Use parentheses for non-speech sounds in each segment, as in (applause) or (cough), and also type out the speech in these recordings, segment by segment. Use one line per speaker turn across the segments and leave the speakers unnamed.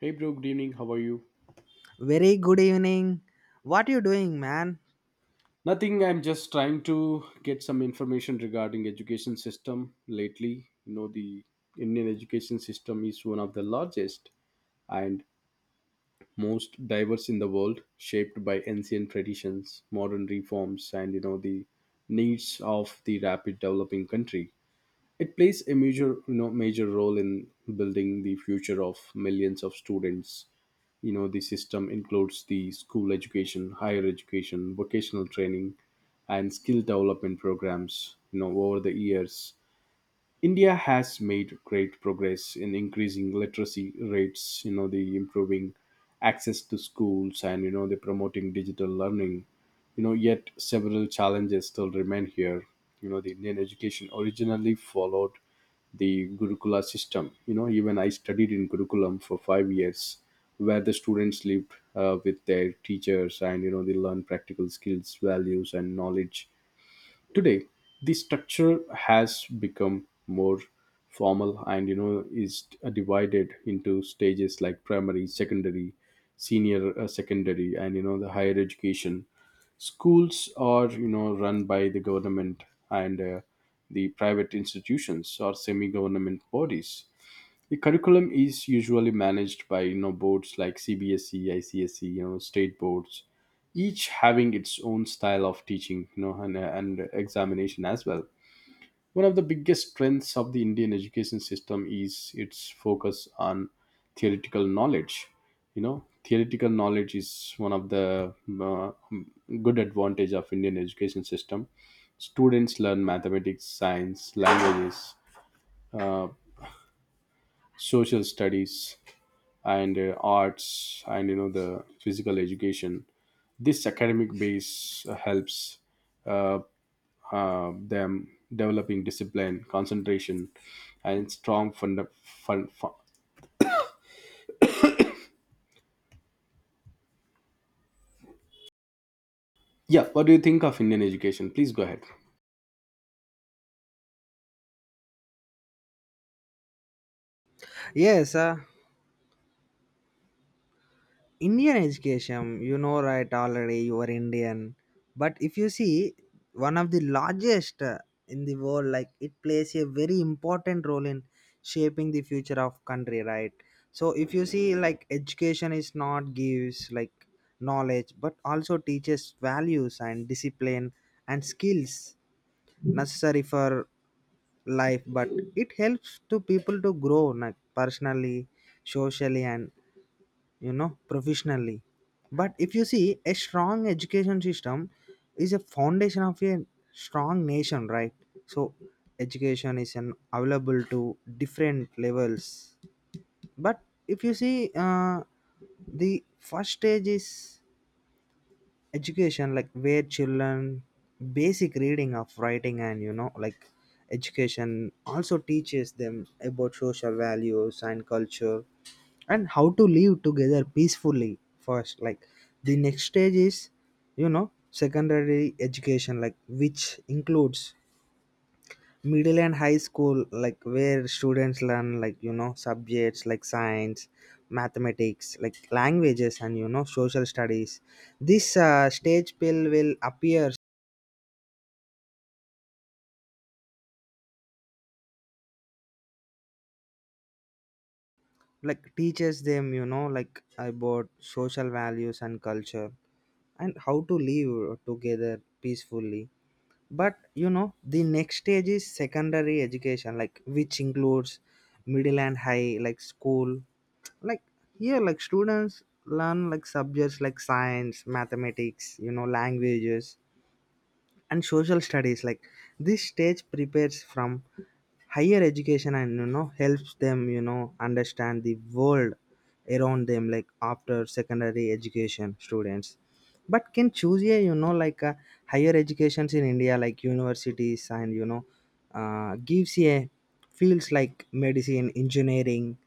Hey bro, good evening. How are you?
Very good evening. What you doing, man?
Nothing. I'm just trying to get some information regarding education system lately. The Indian education system is one of the largest and most diverse in the world, shaped by ancient traditions, modern reforms, and the needs of the rapid developing country. It plays a major role in building the future of millions of students. The system includes the school education, higher education, vocational training, and skill development programs. Over the years, India has made great progress in increasing literacy rates, you know, the improving access to schools, and, you know, the promoting digital learning. Yet several challenges still remain here. The Indian education originally followed the Gurukula system. Even I studied in Gurukulam for 5 years, where the students lived with their teachers, and, they learn practical skills, values, and knowledge. Today, the structure has become more formal and is divided into stages like primary, secondary, senior secondary, and you know the higher education. Schools are run by the government and the private institutions or semi-government bodies. The curriculum is usually managed by boards like CBSE, ICSE, state boards, each having its own style of teaching, and examination as well. One of the biggest strengths of the Indian education system is its focus on theoretical knowledge. Theoretical knowledge is one of the uh, good advantage of Indian education system. Students learn mathematics, science, languages, social studies, and arts, and you know the physical education. This academic base helps uh, them developing discipline, concentration, and strong fun. Yeah, what do you think of Indian education? Please go ahead.
Yes, uh, Indian education. You know, right? Already you are Indian, but if you see one of the largest in the world, like it plays a very important role in shaping the future of country, right? So if you see, like education is not gives like knowledge, but also teaches values and discipline and skills necessary for life, but it helps to people to grow like personally, socially, and you know professionally. But if you see, a strong education system is a foundation of a strong nation, right? So education is an available to different levels, but if you see, the first stage is education like where children basic reading of writing, and you know like education also teaches them about social values and culture and how to live together peacefully first. Like the next stage is, you know, secondary education like which includes middle and high school, like where students learn like, you know, subjects like science, mathematics, like languages, and you know social studies. This stage pill will appear like teaches them, you know, like about social values and culture and how to live together peacefully. But you know the next stage is secondary education like which includes middle and high like school, like here like students learn like subjects like science, mathematics, you know, languages, and social studies. Like this stage prepares from higher education, and you know helps them, you know, understand the world around them. Like after secondary education students but can choose a, you know, like a higher educations in India, like universities, and you know gives a fields like medicine, engineering,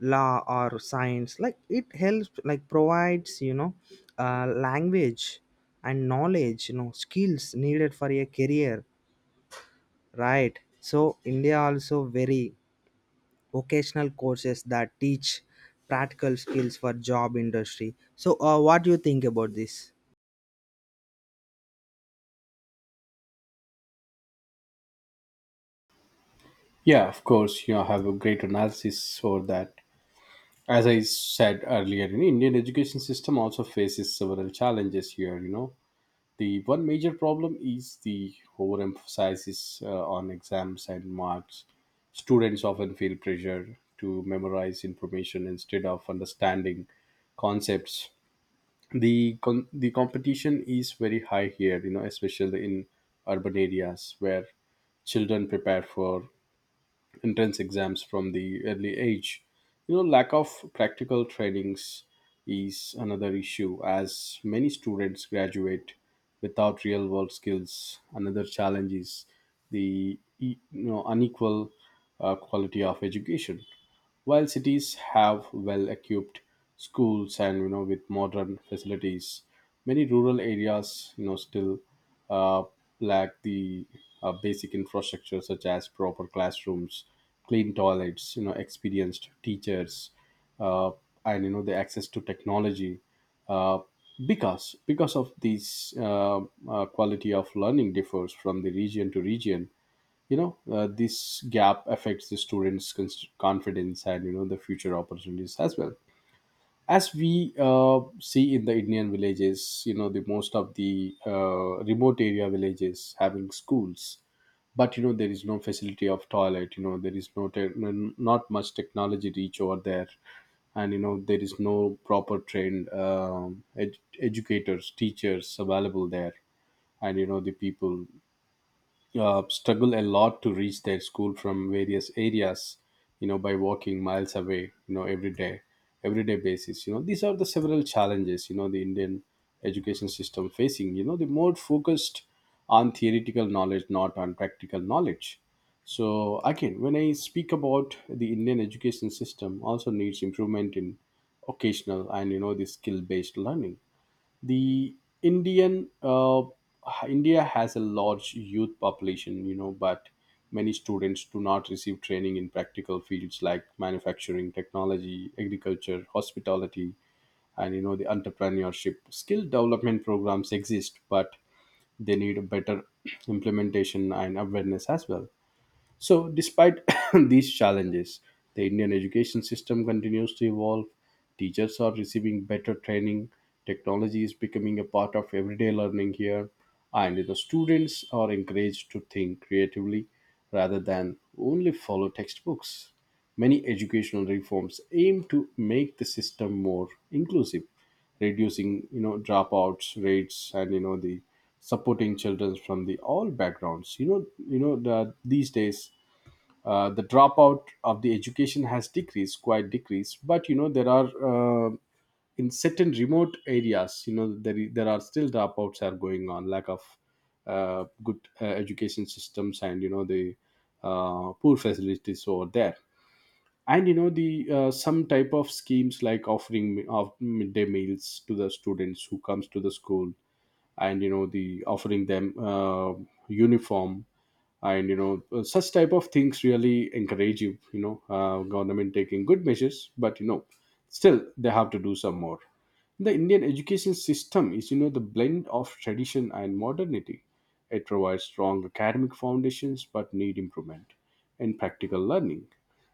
law, or science, like it helps like provides, you know, language and knowledge, you know, skills needed for a career, right? So India also very vocational courses that teach practical skills for job industry. So what do you think about this?
Yeah, of course, have a great analysis for that. As I said earlier, in Indian education system also faces several challenges here. The one major problem is the overemphasis on exams and marks. Students often feel pressure to memorize information instead of understanding concepts. The competition is very high here, you know, especially in urban areas where children prepare for entrance exams from the early age. Lack of practical trainings is another issue as many students graduate without real world skills. Another challenge is the unequal quality of education. While cities have well-equipped schools and with modern facilities, many rural areas still uh, lack the basic infrastructure such as proper classrooms, clean toilets, experienced teachers, uh, and you know the access to technology. Uh, because of these, quality of learning differs from the region to region. This gap affects the students confidence and you know the future opportunities as well. As we see in the Indian villages, the most of the remote area villages having schools, but there is no facility of toilet. There is no not much technology reach over there, and there is no proper trained educators, teachers available there. And the people struggle a lot to reach their school from various areas, by walking miles away, every day, everyday basis. These are the several challenges. The Indian education system facing, the more focused on theoretical knowledge, not on practical knowledge. So again, when I speak about the Indian education system, also needs improvement in occasional and you know the skill based learning. The Indian, uh, India has a large youth population, but many students do not receive training in practical fields like manufacturing, technology, agriculture, hospitality, and you know the entrepreneurship. Skill development programs exist but they need a better (clears throat) implementation and awareness as well. So, despite (coughs) these challenges, the Indian education system continues to evolve. Teachers are receiving better training, technology is becoming a part of everyday learning here, and the students are encouraged to think creatively rather than only follow textbooks. Many educational reforms aim to make the system more inclusive, reducing dropouts rates and you know the supporting children from the all backgrounds. These days the dropout of the education has decreased, quite decreased, but there are, in certain remote areas, there are still dropouts are going on, lack of good education systems and you know the poor facilities over there. And you know the some type of schemes like offering mi- of midday meals to the students who comes to the school, and the offering them uniform, and such type of things really encourage you. You know Government taking good measures, but still they have to do some more. The Indian education system is the blend of tradition and modernity. It provides strong academic foundations but need improvement in practical learning.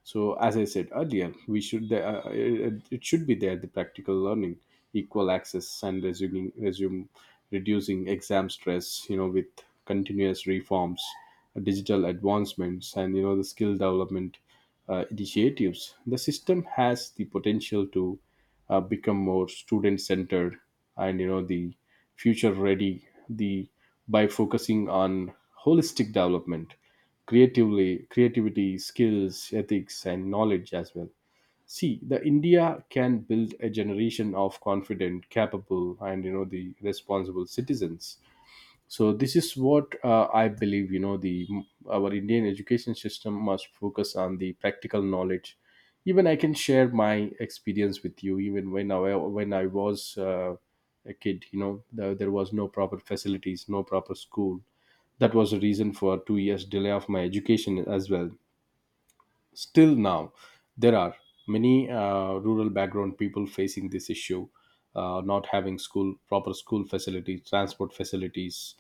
So as I said earlier, we should, it should be there, the practical learning, equal access, and resuming resume reducing exam stress, with continuous reforms, digital advancements, and you know the skill development initiatives. The system has the potential to become more student centered and you know the future ready, the by focusing on holistic development, creatively creativity, skills, ethics, and knowledge as well. See, the India can build a generation of confident, capable, and you know the responsible citizens. So this is what, I believe, our Indian education system must focus on the practical knowledge. Even I can share my experience with you. Even when I was a kid, there was no proper facilities, no proper school. That was a reason for 2 years delay of my education as well. Still now, there are many rural background people facing this issue, not having school proper school facilities, transport facilities.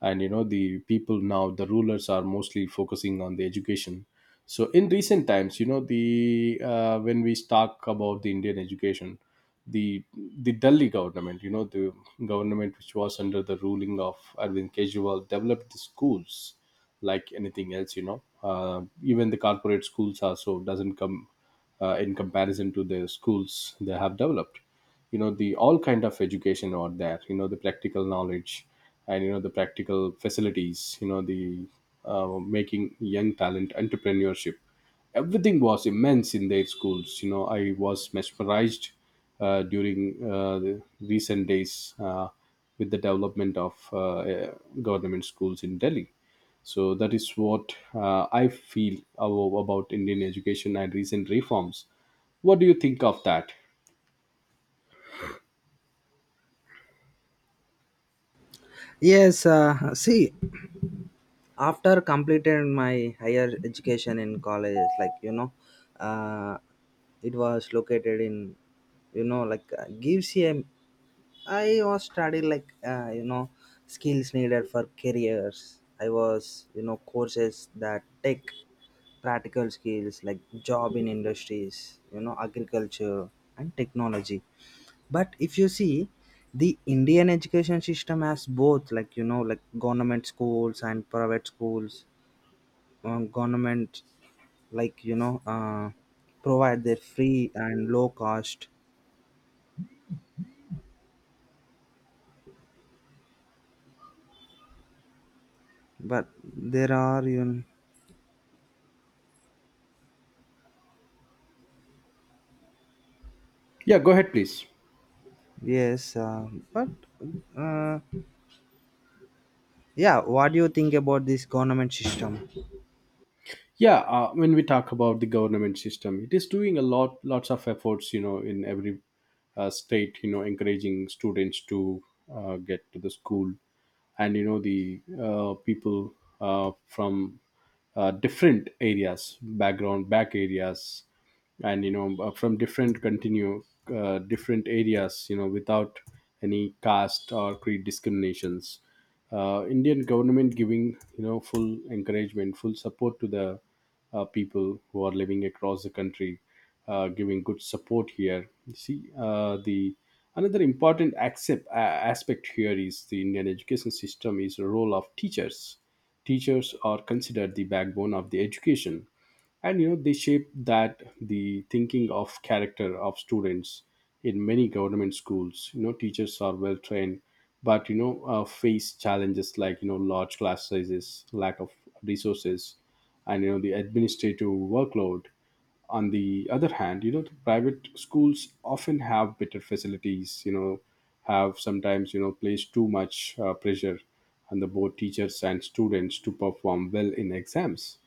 And the people, now the rulers are mostly focusing on the education. So in recent times, you know the when we talk about the Indian education, the the Delhi government, you know the government which was under the ruling of Arvind Kejriwal, developed the schools like anything else. Even the corporate schools also doesn't come in comparison to the schools they have developed. The all kind of education are there, the practical knowledge and the practical facilities, you know the making young talent, entrepreneurship, everything was immense in their schools. I was mesmerized during the recent days with the development of government schools in Delhi. So that is what, I feel about Indian education and recent reforms. What do you think of that?
Yes see, after completed my higher education in college, like, you know, uh, it was located in, you know, like gives you a, I was studying like you know, skills needed for careers. I was, you know, courses that take practical skills like job in industries, you know, agriculture and technology. But if you see, the Indian education system has both, like, you know, like government schools and private schools. Government like, you know, provide their free and low cost, but there are you. Know,
Yeah, go ahead, please.
Yes, uh, but uh, yeah, what do you think about this government system?
Yeah, when we talk about the government system, it is doing a lots of efforts, you know, in every state, you know, encouraging students to get to the school, and you know the people from different areas, background back areas, and from different areas, you know, without any caste or creed discriminations. Indian government giving full encouragement, full support to the people who are living across the country, giving good support here. You see, the another important aspect here is the Indian education system is the role of teachers. Teachers are considered the backbone of the education, and they shape that the thinking of character of students. In many government schools, teachers are well trained, but face challenges like large class sizes, lack of resources, and you know the administrative workload. On the other hand, the private schools often have better facilities, have sometimes, place too much pressure on the both teachers and students to perform well in exams.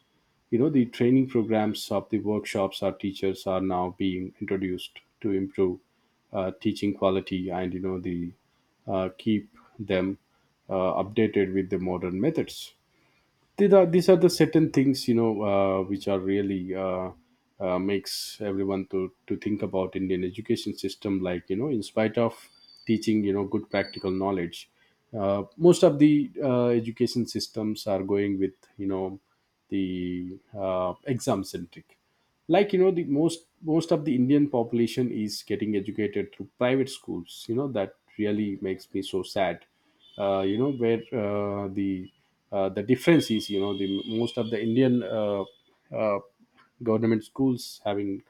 The training programs of the workshops, our teachers are now being introduced to improve teaching quality, and you know the keep them updated with the modern methods. These are the certain things, which are really makes everyone to think about Indian education system. In spite of teaching good practical knowledge, most of the education systems are going with the exam centric. The most of the indian population is getting educated through private schools, that really makes me so sad. Where the difference is, the most of the indian uh, government schools having,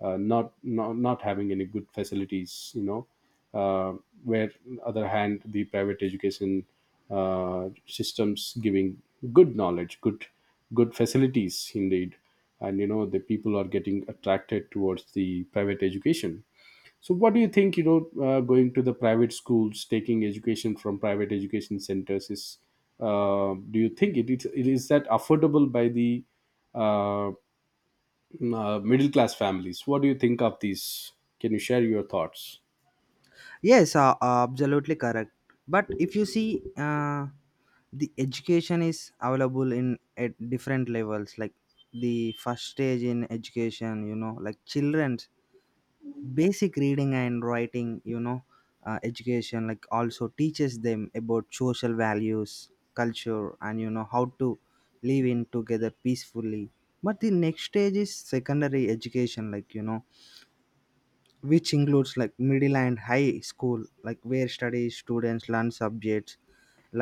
not having any good facilities, uh, where on the other hand the private education systems giving good knowledge, good good facilities indeed. And the people are getting attracted towards the private education. So what do you think, going to the private schools, taking education from private education centers is, do you think it is that affordable by the uh, middle class families? What do you think of these? Can you share your thoughts?
Yes, absolutely correct. But if you see, the education is available in at different levels, like the first stage in education, you know, like children basic reading and writing, you know, education like also teaches them about social values, culture, and you know how to live in together peacefully. But the next stage is secondary education, like, you know, which includes like middle and high school, like where study students learn subjects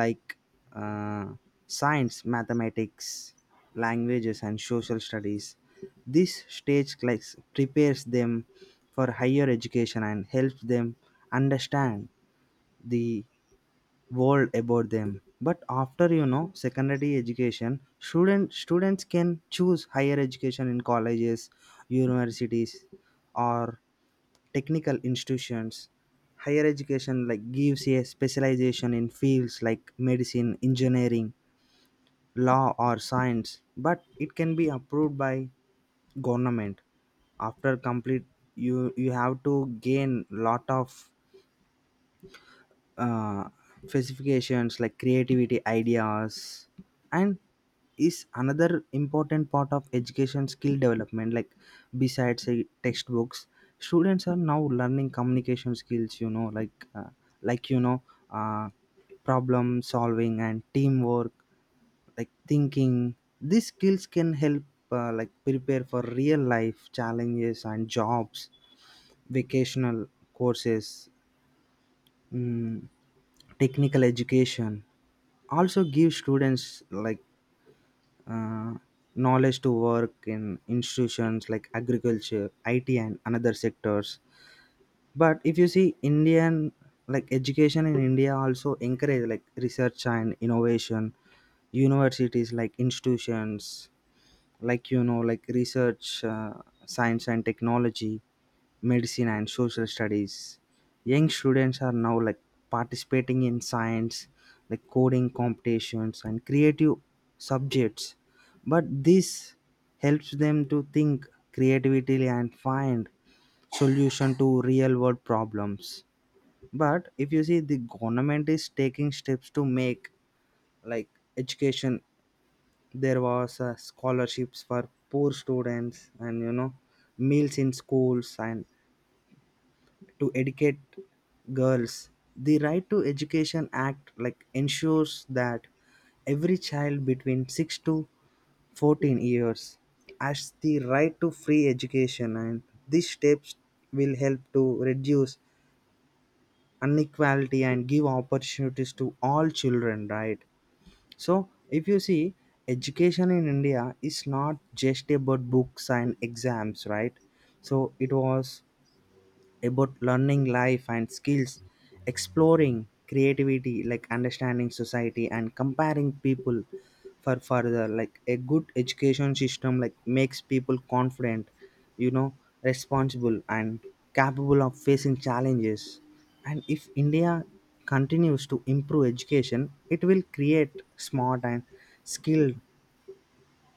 like uh, science, mathematics, languages, and social studies. This stage class prepares them for higher education and helps them understand the world about them. But after, you know, secondary education, students can choose higher education in colleges, universities, or technical institutions. Higher education like gives a specialization in fields like medicine, engineering, law, or science, but it can be approved by government. After complete, you have to gain lot of uh, specifications like creativity ideas, and is another important part of education skill development, like besides say, textbooks, students are now learning communication skills, you know, like like you know uh, problem solving and teamwork, like thinking. These skills can help like prepare for real life challenges and jobs. Vocational courses, mm, technical education also give students like uh, knowledge to work in institutions like agriculture, it, and another sectors. But if you see, Indian like education in India also encourage like research and innovation. Universities like institutions, like, you know, like research, science and technology, medicine, and social studies. Young students are now like participating in science, like coding competitions and creative subjects. But this helps them to think creatively and find solution to real world problems. But if you see, the government is taking steps to make like education. There was scholarships for poor students, and you know, meals in schools, and to educate girls. The right to education act like ensures that every child between 6 to 14 years has the right to free education. And these steps will help to reduce inequality and give opportunities to all children, right? So if you see, education in India is not just about books and exams, right? So it was about learning life and skills, exploring creativity, like understanding society and comparing people for further. Like a good education system, like makes people confident, you know, responsible, and capable of facing challenges. And if India continues to improve education, it will create smart and skilled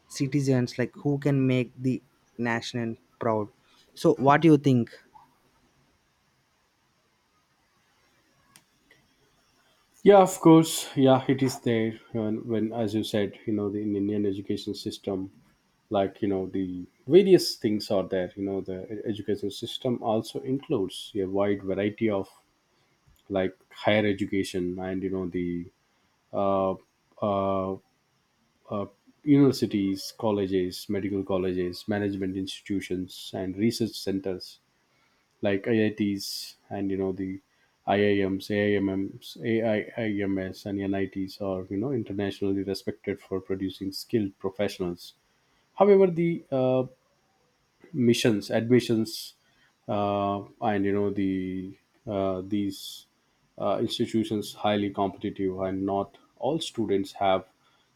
citizens like who can make the nation proud. So, what do you think?
Yeah, of course. Yeah, it is there. When as you said, the in Indian education system, the various things are there. You know, the education system also includes a wide variety of like higher education, and you know the uh, uh, uh, universities, colleges, medical colleges, management institutions, and research centers like IITs and you know the IIMs, AIMMs, AIIMS, and NITs are internationally respected for producing skilled professionals. However, the missions admissions and you know the these institutions highly competitive, and not all students have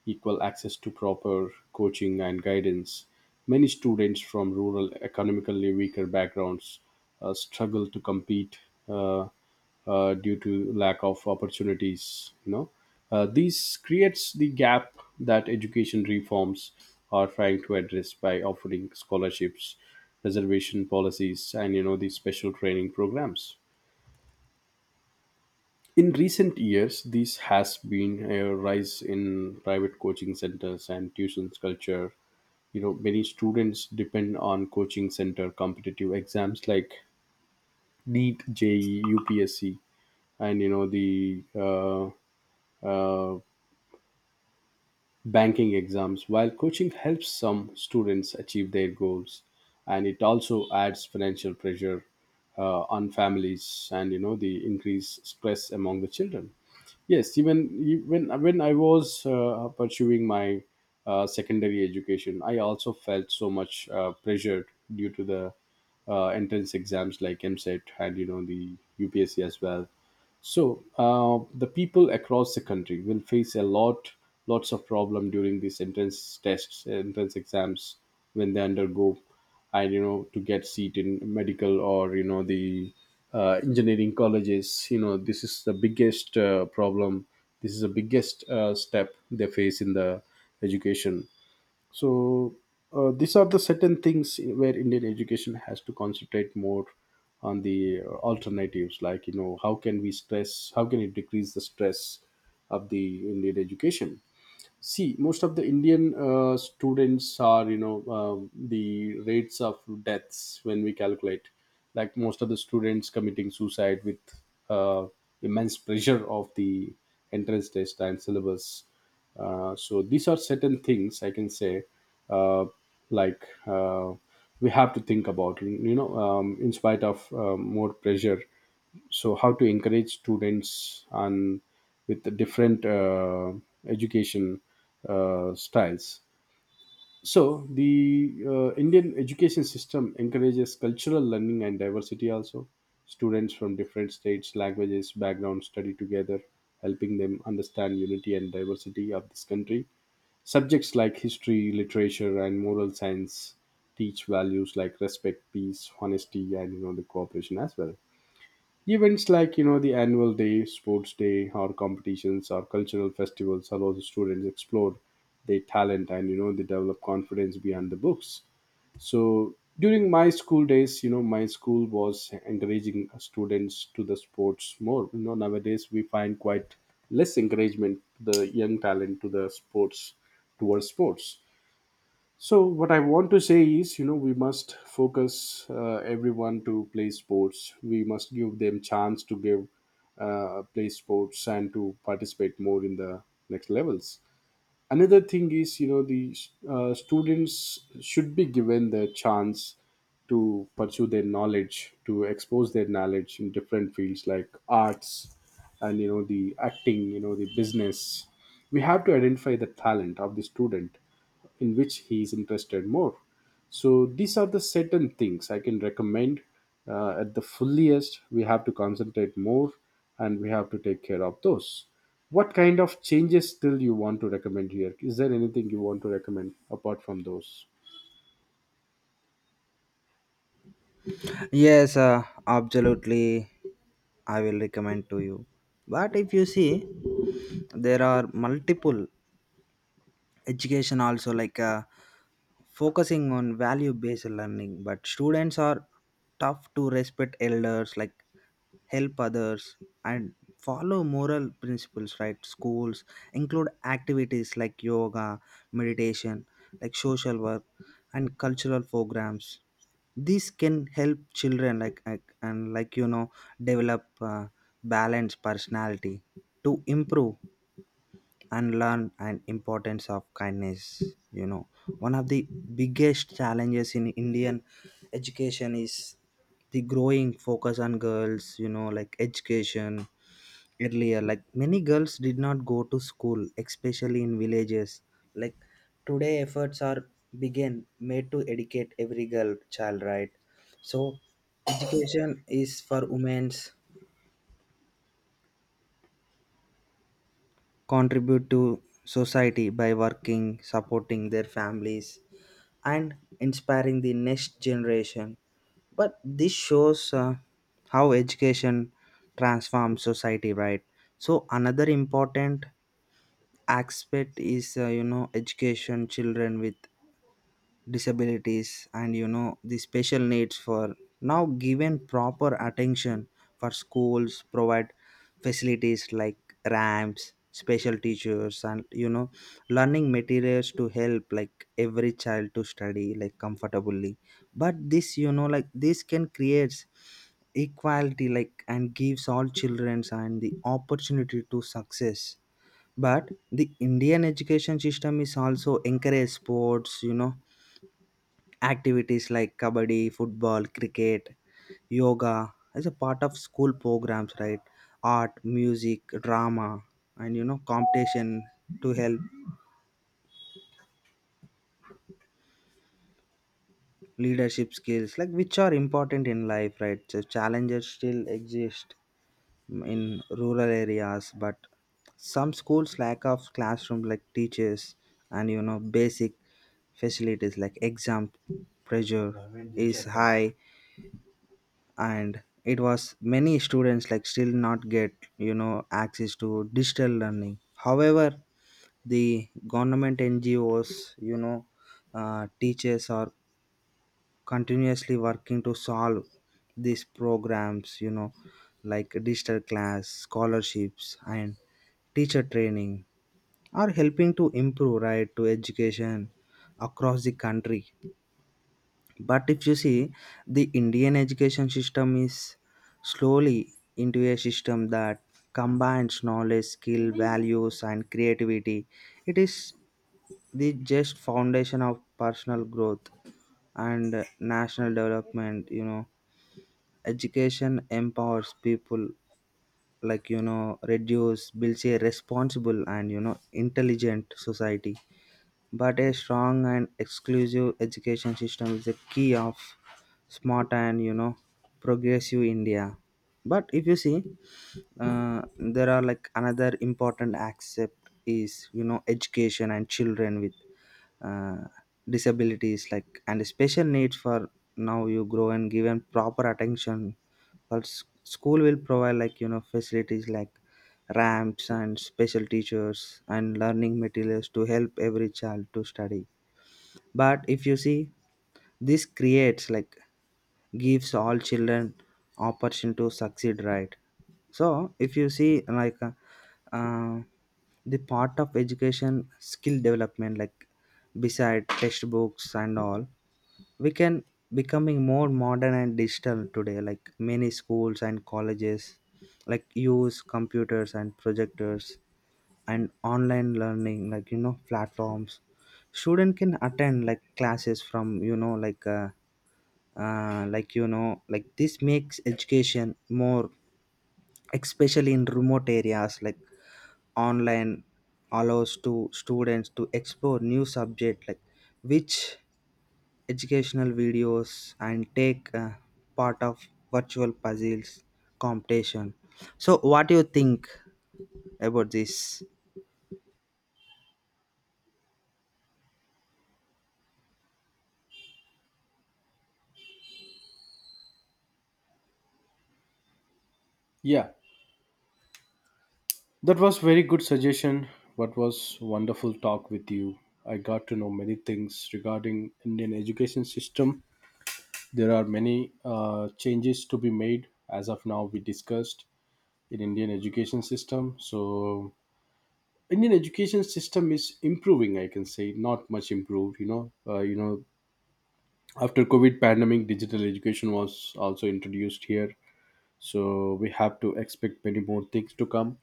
equal access to proper coaching and guidance. Many students from rural, economically weaker backgrounds struggle to compete uh, due to lack of opportunities. This creates the gap that education reforms are trying to address by offering scholarships, reservation policies, and these special training programs. In recent years, this has been a rise in private coaching centers and tuitions culture. You know, many students depend on coaching center competitive exams like NEET, je upsc, and you know the uh, banking exams. While coaching helps some students achieve their goals, and it also adds financial pressure on families, and the increased stress among the children. Yes, even when I was pursuing my secondary education, I also felt so much pressured due to the entrance exams like MSET and you know the UPSC as well. So the people across the country will face a lot, lots of problem during these entrance tests, entrance exams when they undergo, and to get seat in medical or you know the engineering colleges. You know, this is the biggest problem. This is the biggest step they face in the education. So these are the certain things where Indian education has to concentrate more on the alternatives, like you know, how can we stress? How can it decrease the stress of the Indian education? See, most of the Indian students are, you know, the rates of deaths when we calculate, like most of the students committing suicide with uh, immense pressure of the entrance test and syllabus. So these are certain things I can say, uh, like uh, we have to think about, you know, in spite of more pressure. So how to encourage students and with the different education styles. So the indian education system encourages cultural learning and diversity also. Students from different states, languages, backgrounds study together, helping them understand unity and diversity of this country. Subjects like history, literature, and moral science teach values like respect, peace, honesty, and the cooperation as well. Events like the annual day, sports day, or competitions or cultural festivals allow the students explore their talent, and they develop confidence beyond the books. So during my school days, you know, my school was encouraging students to the sports more. You know, nowadays we find quite less encouragement to the young talent to the sports towards sports. So what I want to say is, you know, we must focus everyone to play sports. We must give them chance to give play sports and to participate more in the next levels. Another thing is, you know, the students should be given the chance to pursue their knowledge, to expose their knowledge in different fields like arts, and the acting, the business. We have to identify the talent of the student in which he is interested more. So these are the certain things I can recommend. At the fulliest, we have to concentrate more, and we have to take care of those. What kind of changes still you want to recommend here? Is there anything you want to recommend apart from those?
Yes, absolutely. I will recommend to you. But if you see, there are multiple education also like focusing on value-based learning. But students are tough to respect elders. Like help others and follow moral principles, right? Schools include activities like yoga, meditation, like social work, and cultural programs. This can help children like- and like you know, develop balanced personality to improve and learn an importance of kindness. You know, one of the biggest challenges in Indian education is the growing focus on girls, you know, like education. Earlier like many girls did not go to school, especially in villages. Like today efforts are begin made to educate every girl child, right? So education is for women's contribute to society by working, supporting their families, and inspiring the next generation. But this shows how education transforms society, right? So another important aspect is, you know, education children with disabilities, and you know the special needs for now given proper attention. For schools provide facilities like ramps, special teachers, and you know learning materials to help like every child to study like comfortably. But this, you know, like this can create equality, like, and gives all children and the opportunity to success. But the Indian education system is also encourage sports, you know, activities like kabaddi, football, cricket, yoga as a part of school programs, right? Art, music, drama, and you know, competition to help leadership skills, like which are important in life, right? So challenges still exist in rural areas, but some schools lack of classroom like teachers, and you know basic facilities like exam pressure is high. And it was many students like still not get, you know, access to digital learning. However, the government, NGOs, you know, teachers are continuously working to solve these programs, you know, like digital class, scholarships, and teacher training are helping to improve right to education across the country. But if you see, the Indian education system is slowly into a system that combines knowledge, skill, values, and creativity. It is the just foundation of personal growth and national development. You know, education empowers people, like, you know, reduce builds a responsible and you know intelligent society. But a strong and exclusive education system is the key of smart and, you know, progressive India. But if you see, there are like another important aspect is, you know, education and children with uh, disabilities like and special needs for now you grow and given proper attention. But school will provide like, you know, facilities like ramps and special teachers and learning materials to help every child to study. But if you see, this creates like gives all children opportunity to succeed, right? So if you see like, uh, the part of education skill development, like beside textbooks and all, we can becoming more modern and digital today. Like many schools and colleges like use computers and projectors and online learning, like, you know, platforms. Student can attend like classes from, you know, like like, you know, like this makes education more, especially in remote areas. Like online allows to students to explore new subject, like which educational videos and take part of virtual puzzles competition. So what do you think about this?
Yeah, that was very good suggestion. What was wonderful talk with you. I got to know many things regarding Indian education system. There are many changes to be made. As of now, we discussed in indian education system. So indian education system is improving, I can say not much improved, you know, after COVID pandemic digital education was also introduced here. So we have to expect many more things to come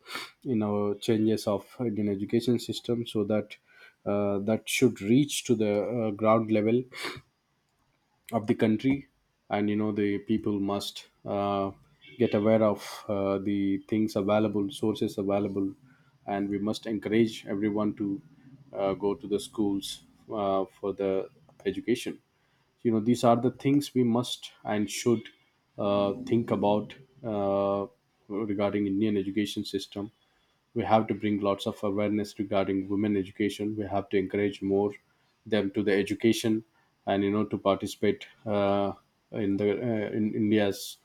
in our changes of indian education system, so that that should reach to the ground level of the country. And the people must get aware of the things available, sources available, and we must encourage everyone to go to the schools for the education. You know, these are the things we must and should think about uh, regarding indian education system. We have to bring lots of awareness regarding women education. We have to encourage more them to the education, and to participate in the in india's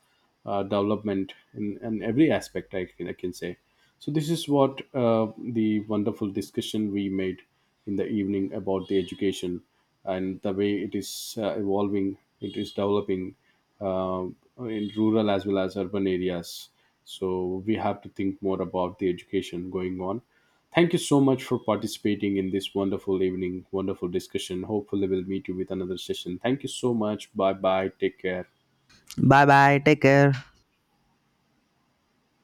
development in every aspect, I can say. So this is what the wonderful discussion we made in the evening about the education and the way it is evolving, it is developing uh, in rural as well as urban areas. So we have to think more about the education going on. Thank you so much for participating in this wonderful evening, wonderful discussion. Hopefully, we'll meet you with another session. Thank you so much. Bye bye. Take care.
Bye bye, take care.